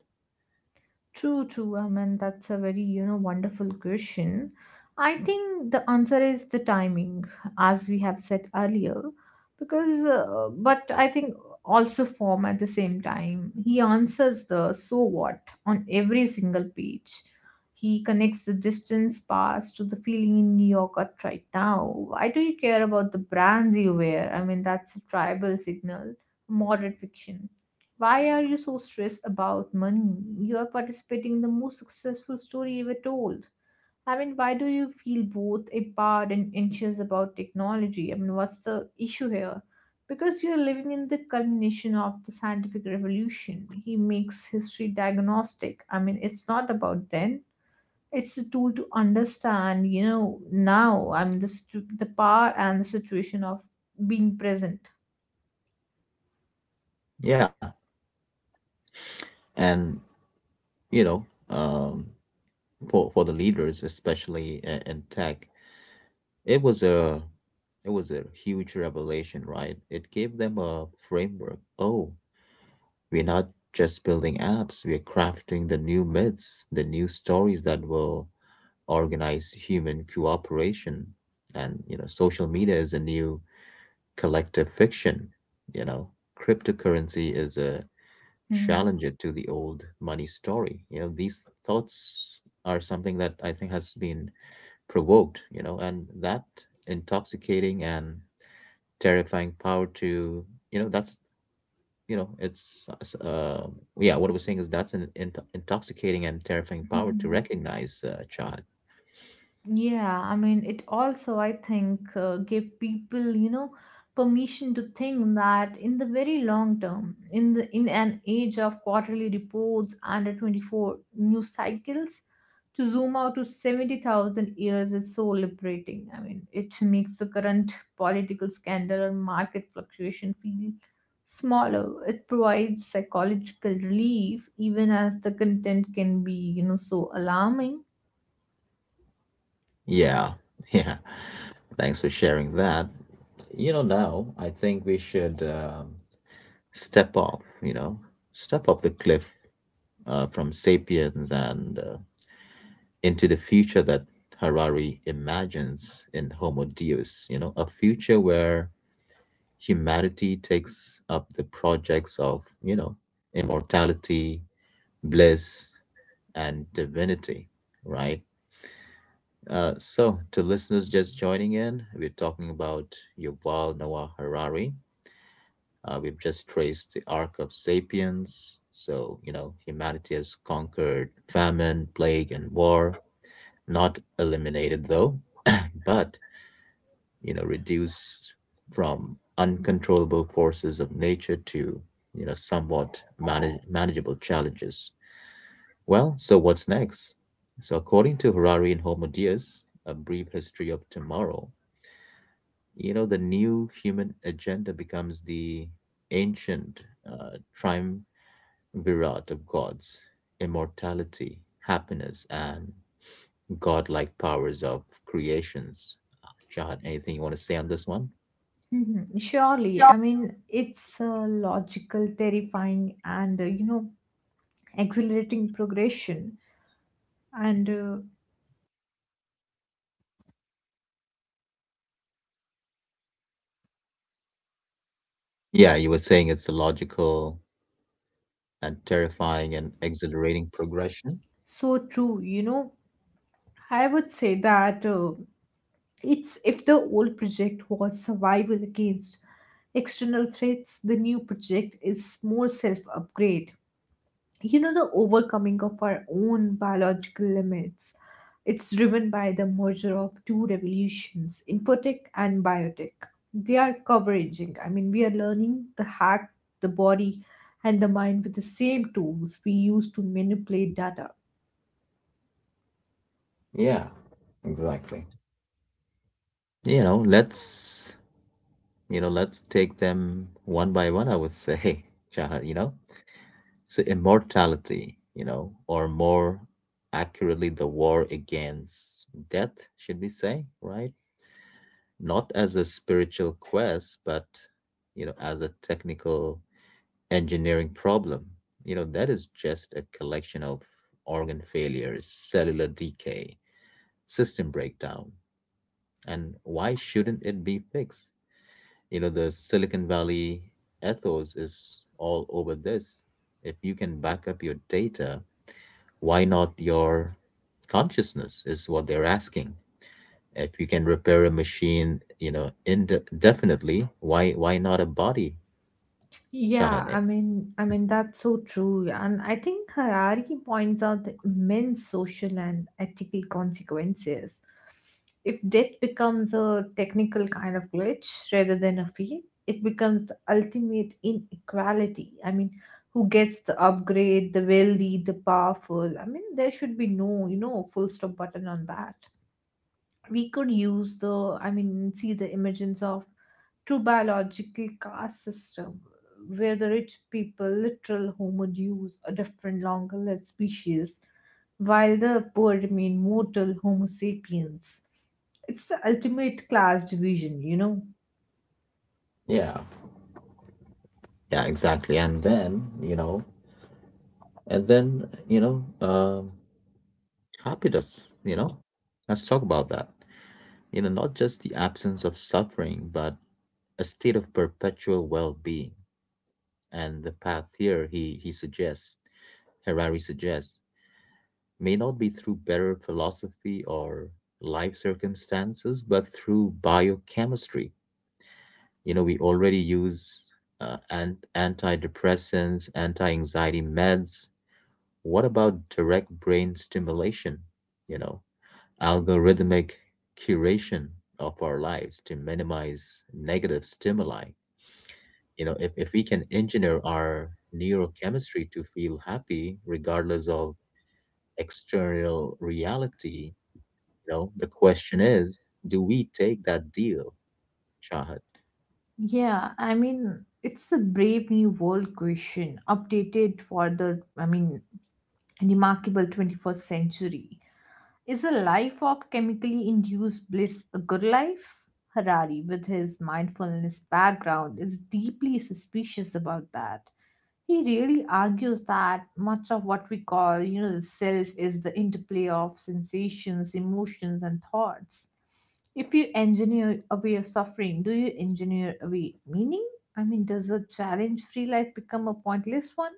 S2: True, true. I mean, that's a very, wonderful question. I think the answer is the timing, as we have said earlier, because, but I think also form at the same time. He answers the so what on every single page. He connects the distance past to the feeling in New York at right now. Why do you care about the brands you wear? I mean, that's a tribal signal, modern fiction. Why are you so stressed about money? You are participating in the most successful story ever told. I mean, why do you feel both empowered and anxious about technology? I mean, what's the issue here? Because you're living in the culmination of the scientific revolution. He makes history diagnostic. I mean, it's not about then. It's a tool to understand, now. I mean, the power and the situation of being present.
S1: Yeah, and you know, for the leaders, especially in tech, it was a huge revelation, right? It gave them a framework. Oh, we're not just building apps, we're crafting the new myths, the new stories that will organize human cooperation. And, you know, social media is a new collective fiction. You know, cryptocurrency is a
S2: Hmm.
S1: challenger to the old money story. You know, these thoughts are something that I think has been provoked, you know, and that intoxicating and terrifying power to, you know, that's you know it's s- yeah what I was saying is that's an intoxicating and terrifying power to recognize, Chad.
S2: Yeah, I mean, it also, I think, gave people, permission to think that in the very long term, in the in an age of quarterly reports and a 24 news cycles, to zoom out to 70,000 years is so liberating. I mean, it makes the current political scandal or market fluctuation feel smaller. It provides psychological relief, even as the content can be, so alarming.
S1: Yeah, yeah, thanks for sharing that. You know, now I think we should step off you know step off the cliff, from sapiens and into the future that Harari imagines in Homo Deus, you know, a future where humanity takes up the projects of, you know, immortality, bliss, and divinity, right? So, to listeners just joining in, we're talking about Yuval Noah Harari. We've just traced the arc of sapiens. So, you know, humanity has conquered famine, plague, and war. Not eliminated, though, but you know reduced from uncontrollable forces of nature to you know somewhat manageable challenges. Well, so what's next? So according to Harari and homodias a brief history of tomorrow, you know, the new human agenda becomes the ancient, triumvirate of gods: immortality, happiness, and godlike powers of creations. Jahan, anything you want to say on this one?
S2: Mhm. Surely, I mean, it's logical, terrifying, and exhilarating progression, and
S1: Yeah, you were saying it's a logical and terrifying and exhilarating progression.
S2: so true. You know, I would say that it's if the old project was survival against external threats, the new project is more self upgrade. You know, the overcoming of our own biological limits. It's driven by the merger of two revolutions, infotech and biotech. They are converging. I mean, we are learning the hack the body and the mind with the same tools we use to manipulate data.
S1: Yeah, exactly. You know, let's take them one by one, I would say, Shahar, you know. So immortality, you know, or more accurately the war against death, should we say, right? Not as a spiritual quest, but you know, as a technical engineering problem. You know, that is just a collection of organ failures, cellular decay, system breakdown. And why shouldn't it be fixed? You know, the Silicon Valley ethos is all over this. If you can back up your data, why not your consciousness, is what they're asking. If you can repair a machine, you know, indefinitely, why not a body?
S2: Yeah,
S1: Şahane.
S2: I mean that's so true, and I think Harari points out the immense social and ethical consequences. If death becomes a technical kind of glitch rather than a fee, it becomes the ultimate inequality. I mean, who gets the upgrade, the wealthy, the powerful? I mean, there should be no, full stop button on that. We could use the, I mean, see the emergence of true biological caste system where the rich people literal homo deus, a different longer lived species, while the poor remain mortal homo sapiens. It's the ultimate class division, you know.
S1: Yeah, yeah, exactly. And then, you know, and then, you know, Happiness, you know, let's talk about that. You know, not just the absence of suffering, but a state of perpetual well-being. And the path here, he suggests, Harari suggests, may not be through better philosophy or life circumstances, but through biochemistry. You know, we already use antidepressants, anti anxiety meds. What about direct brain stimulation? You know, algorithmic curation of our lives to minimize negative stimuli. You know, if we can engineer our neurochemistry to feel happy regardless of external reality, you know, the question is, do we take that deal, Shahid?
S2: Yeah, I mean, it's a brave new world question updated for the, I mean, remarkable 21st century. Is a life of chemically induced bliss a good life? Harari, with his mindfulness background, is deeply suspicious about that. He really argues that much of what we call, the self is the interplay of sensations, emotions, and thoughts. If you engineer away your suffering, do you engineer away meaning? I mean, does a challenge free life become a pointless one?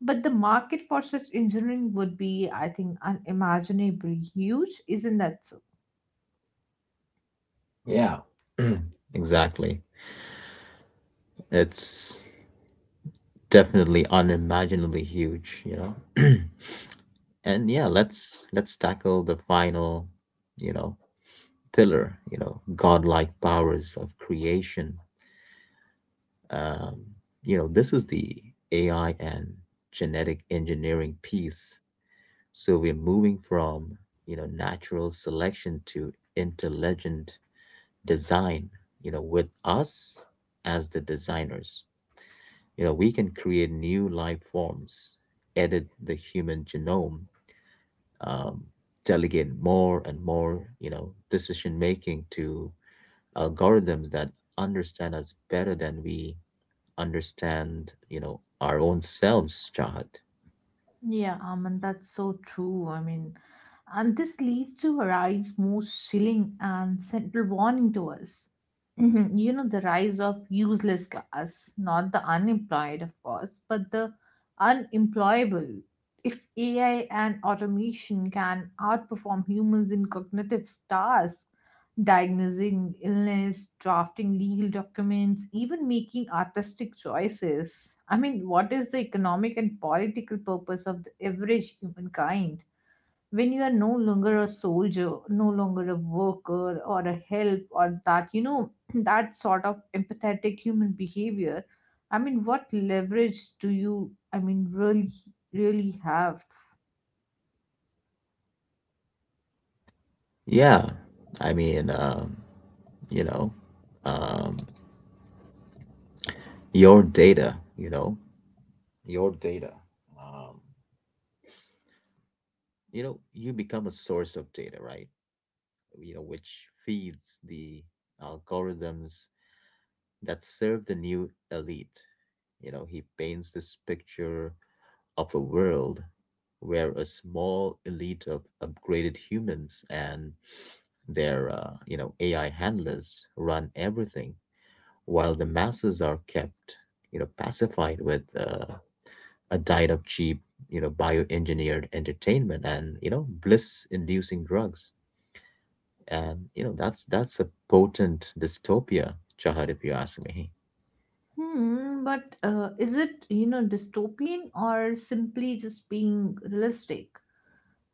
S2: But the market for such engineering would be, I think, unimaginably huge, isn't that so?
S1: Yeah. Exactly. It's definitely unimaginably huge, you know. And yeah, let's tackle the final, you know, pillar, you know, godlike powers of creation. Um, you know, this is the AI and genetic engineering piece. So we're moving from, you know, natural selection to intelligent design, you know, with us as the designers. You know, we can create new life forms, edit the human genome, um, delegate more and more, you know, decision making to algorithms that understand us better than we understand, you know, our own selves, Chahat.
S2: Yeah, I mean, that's so true. I mean, and this leads to a rise most chilling and central warning to us. You know, the rise of useless class, not the unemployed, of course, but the unemployable. If AI and automation can outperform humans in cognitive tasks, diagnosing illness, drafting legal documents, even making artistic choices. I mean, what is the economic and political purpose of the average humankind when you are no longer a soldier, no longer a worker or a help or that, that sort of empathetic human behavior? I mean, what leverage do you, I mean, really have?
S1: Yeah, I mean, you know, um, your data, you know, your data. Um, you know, you become a source of data, right? You know, which feeds the algorithms that serve the new elite. You know, he paints this picture of a world where a small elite of upgraded humans and their you know, AI handlers run everything, while the masses are kept, you know, pacified with a diet of cheap, you know, bioengineered entertainment and, you know, bliss inducing drugs. And you know, that's a potent dystopia, Chahar, if you ask me.
S2: Hmm, but is it, dystopian or simply just being realistic?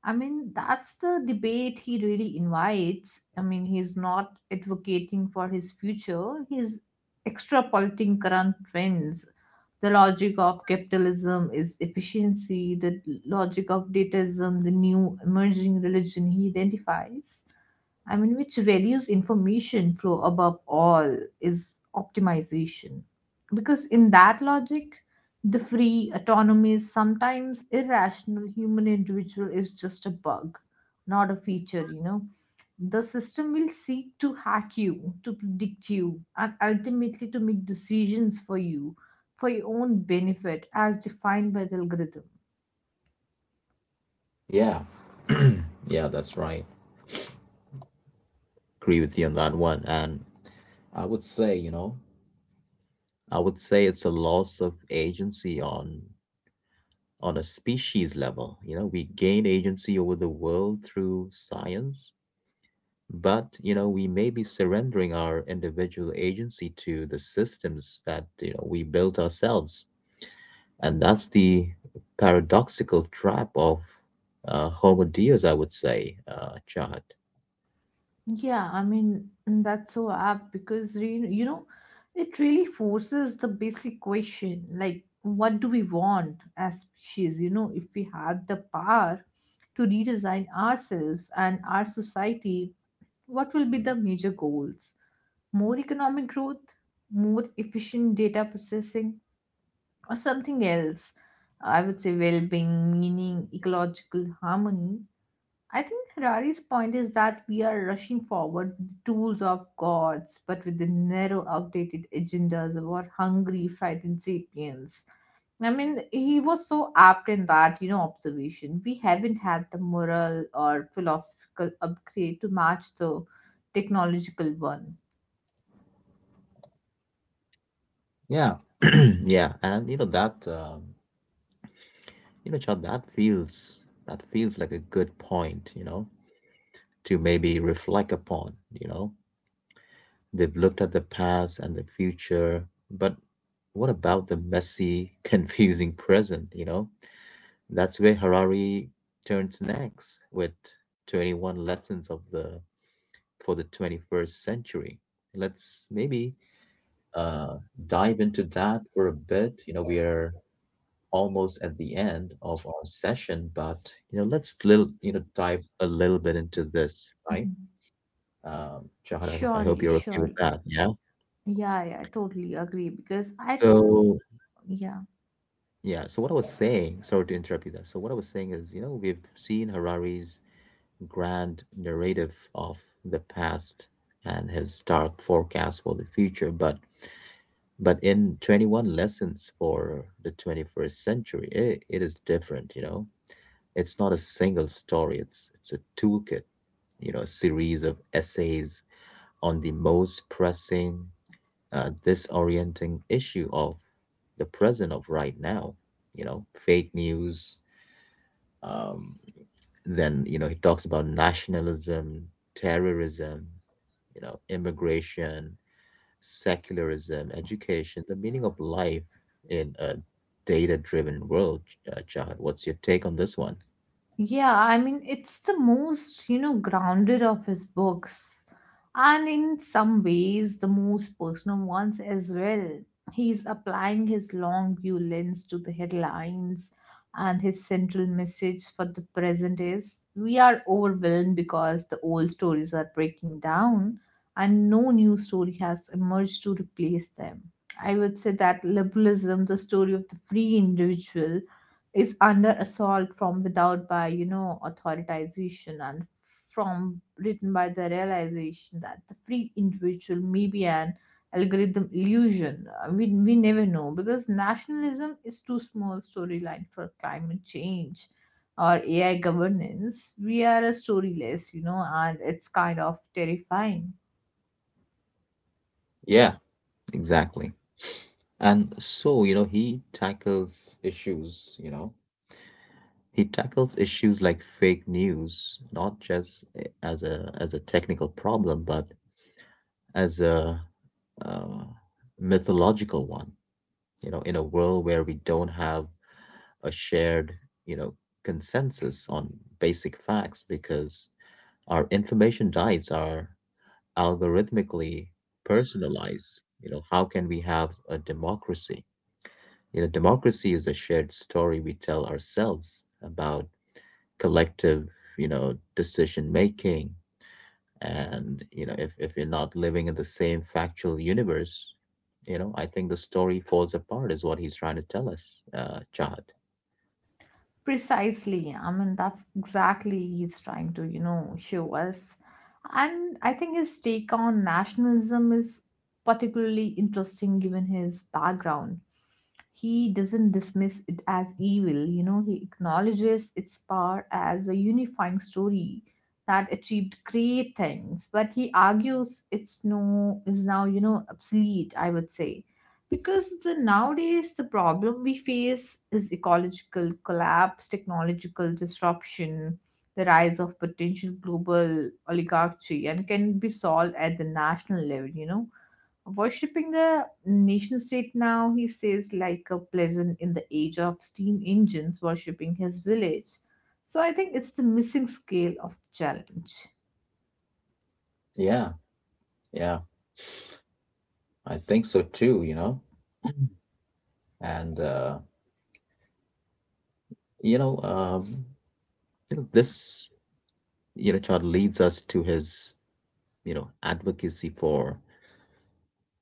S2: I mean, that's the debate he really invites. I mean, he's not advocating for his future, he's extrapolating current trends. The logic of capitalism is efficiency, the logic of dataism, the new emerging religion he identifies. I mean, which values information flow above all is optimization. Because in that logic, the free, autonomous, sometimes irrational human individual is just a bug, not a feature, you know. The system will seek to hack you, to predict you, and ultimately to make decisions for you for your own benefit as defined by the algorithm.
S1: Yeah. Yeah, that's right. Agree with you on that one. And I would say, you know, I would say it's a loss of agency on a species level. You know, we gain agency over the world through science, but you know, we may be surrendering our individual agency to the systems that, you know, we built ourselves. And that's the paradoxical trap of Homo Deus, I would say, Chad.
S2: Yeah, I mean, that's so apt because, you know, it really forces the basic question like, what do we want as species? You know, if we had the power to redesign ourselves and our society, what will be the major goals? More economic growth, more efficient data processing, or something else? I would say well being, meaning, ecological harmony. I think Harari's point is that we are rushing forward with the tools of gods, but with the narrow, outdated agendas of our hungry, frightened sapiens. I mean, he was so apt in that, observation. We haven't had the moral or philosophical upgrade to match the technological one.
S1: Yeah, yeah, and you know that you know, Chad, that feels like a good point, you know, to maybe reflect upon. You know, we've looked at the past and the future, but what about the messy, confusing present? You know, that's where Harari turns next with 21 lessons of the for the 21st century. Let's maybe uh, dive into that for a bit. You know, we are almost at the end of our session, but you know, let's little you know dive a little bit into this, right?
S2: Mhm.
S1: Jahan, I, I hope
S2: Surely,
S1: you're okay with
S2: surely.
S1: that. Yeah.
S2: Yeah, yeah, I totally agree because I think,
S1: So
S2: yeah.
S1: yeah. So what I was saying, sorry to interrupt you there. So what I was saying is, you know, we've seen Harari's grand narrative of the past and his dark forecast for the future, but in 21 lessons for the 21st century it is different, you know. It's not a single story, it's a toolkit, you know, a series of essays on the most pressing, disorienting issue of the present, of right now. You know, fake news, um, then you know he talks about nationalism, terrorism, you know, immigration, secularism, education, the meaning of life in a data driven world, Chad. What's your take on this one?
S2: Yeah, I mean, it's the most, grounded of his books, and in some ways, the most personal ones as well. He's applying his long view lens to the headlines, and his central message for the present is we are overwhelmed because the old stories are breaking down, and no new story has emerged to replace them. I would say that liberalism, the story of the free individual, is under assault from without by, authoritization and from written by the realization that the free individual may be an algorithm illusion. We never know, because nationalism is too small storyline for climate change or AI governance. We are a storyless, you know, and it's kind of terrifying.
S1: Yeah, exactly. And so, you know, he tackles issues, you know, he tackles issues like fake news, not just as a technical problem, but as a uh, mythological one. You know, in a world where we don't have a shared, you know, consensus on basic facts because our information diets are algorithmically personalized, you know, how can we have a democracy? You know, democracy is a shared story we tell ourselves about collective, you know, decision making. And you know, if you're not living in the same factual universe, you know, I think the story falls apart is what he's trying to tell us, uh, Chad.
S2: Precisely. I mean, that's exactly he's trying to, show us. And I think his take on nationalism is particularly interesting given his background. He doesn't dismiss it as evil, you know, he acknowledges its power as a unifying story that achieved great things, but he argues it's no is now, obsolete, I would say, because the nowadays the problem we face is ecological collapse, technological disruption, the rise of potential global oligarchy, and can be solved at the national level, you know. Worshipping the nation state now, he says, like a pleasant in the age of steam engines worshipping his village. So I think it's the missing scale of the challenge.
S1: Yeah, yeah, I think so too, you know. And uh, you know um you know, this you know chart leads us to his, you know, advocacy for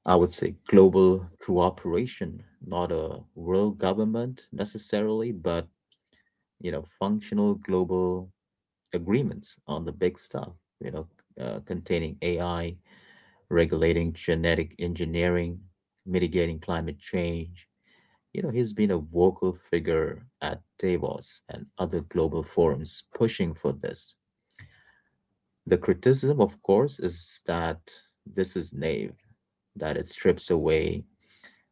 S1: I would say global cooperation, not a world government necessarily but, you know, functional global agreements on the big stuff. You know, containing AI, regulating genetic engineering, mitigating climate change. You know, he's been a vocal figure at Davos and other global forums pushing for this. The criticism, of course, is that this is naive, that it strips away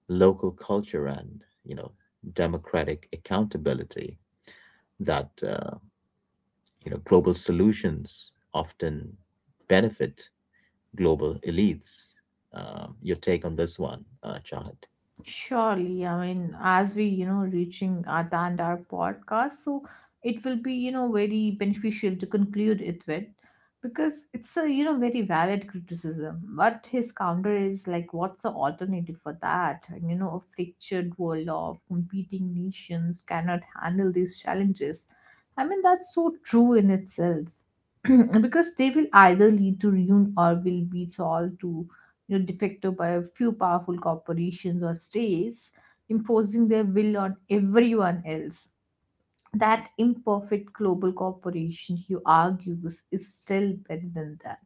S1: local culture and, you know, democratic accountability, that, you know, global solutions often benefit global elites. Your take on this one, Chahat?
S2: Surely, I mean, as we, reaching at the end our podcast, so it will be, very beneficial to conclude it with because it's a, very valid criticism. But his counter is like, what's the alternative for that? And, a fractured world of competing nations cannot handle these challenges. I mean, that's so true in itself because they will either lead to ruin or will be solved to, de facto by a few powerful corporations or states imposing their will on everyone else. That imperfect global corporation, he argues, is still better than that.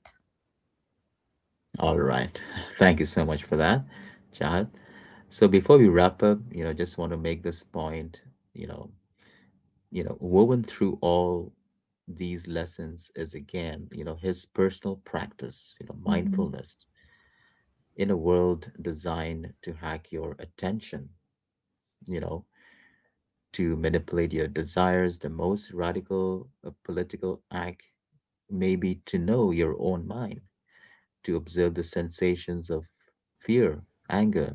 S1: All right. Thank you so much for that, Chahat. So before we wrap up, you know, just want to make this point, you know, you know, woven through all these lessons is again, you know, his personal practice, you know,
S2: Mhm.
S1: mindfulness in a world designed to hack your attention, you know, to manipulate your desires. The most radical political act may be to know your own mind, to observe the sensations of fear, anger,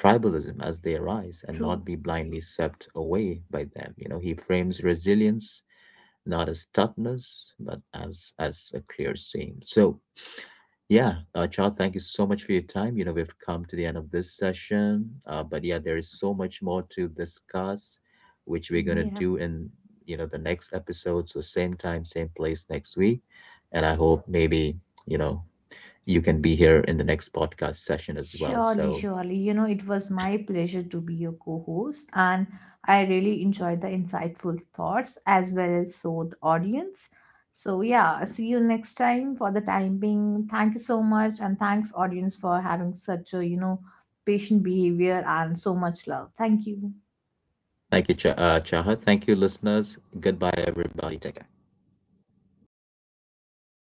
S1: tribalism as they arise and
S2: True.
S1: not be blindly swept away by them. You know, he frames resilience not as toughness, not as as a clear seam. So yeah, Chad, thank you so much for your time. You know, we've come to the end of this session, but yeah, there is so much more to discuss, which we're gonna
S2: Yeah.
S1: do in you know the next episode. So same time, same place next week, and I hope maybe you know you can be here in the next podcast session as well.
S2: Surely,
S1: So
S2: surely. You know, it was my pleasure to be your co host, and I really enjoyed the insightful thoughts as well as so the audience. So, yeah, see you next time for the time being. Thank you so much, and thanks, audience, for having such a, patient behavior and so much love. Thank you.
S1: thank you, Chahat. Thank you, listeners. Goodbye, everybody. Take care.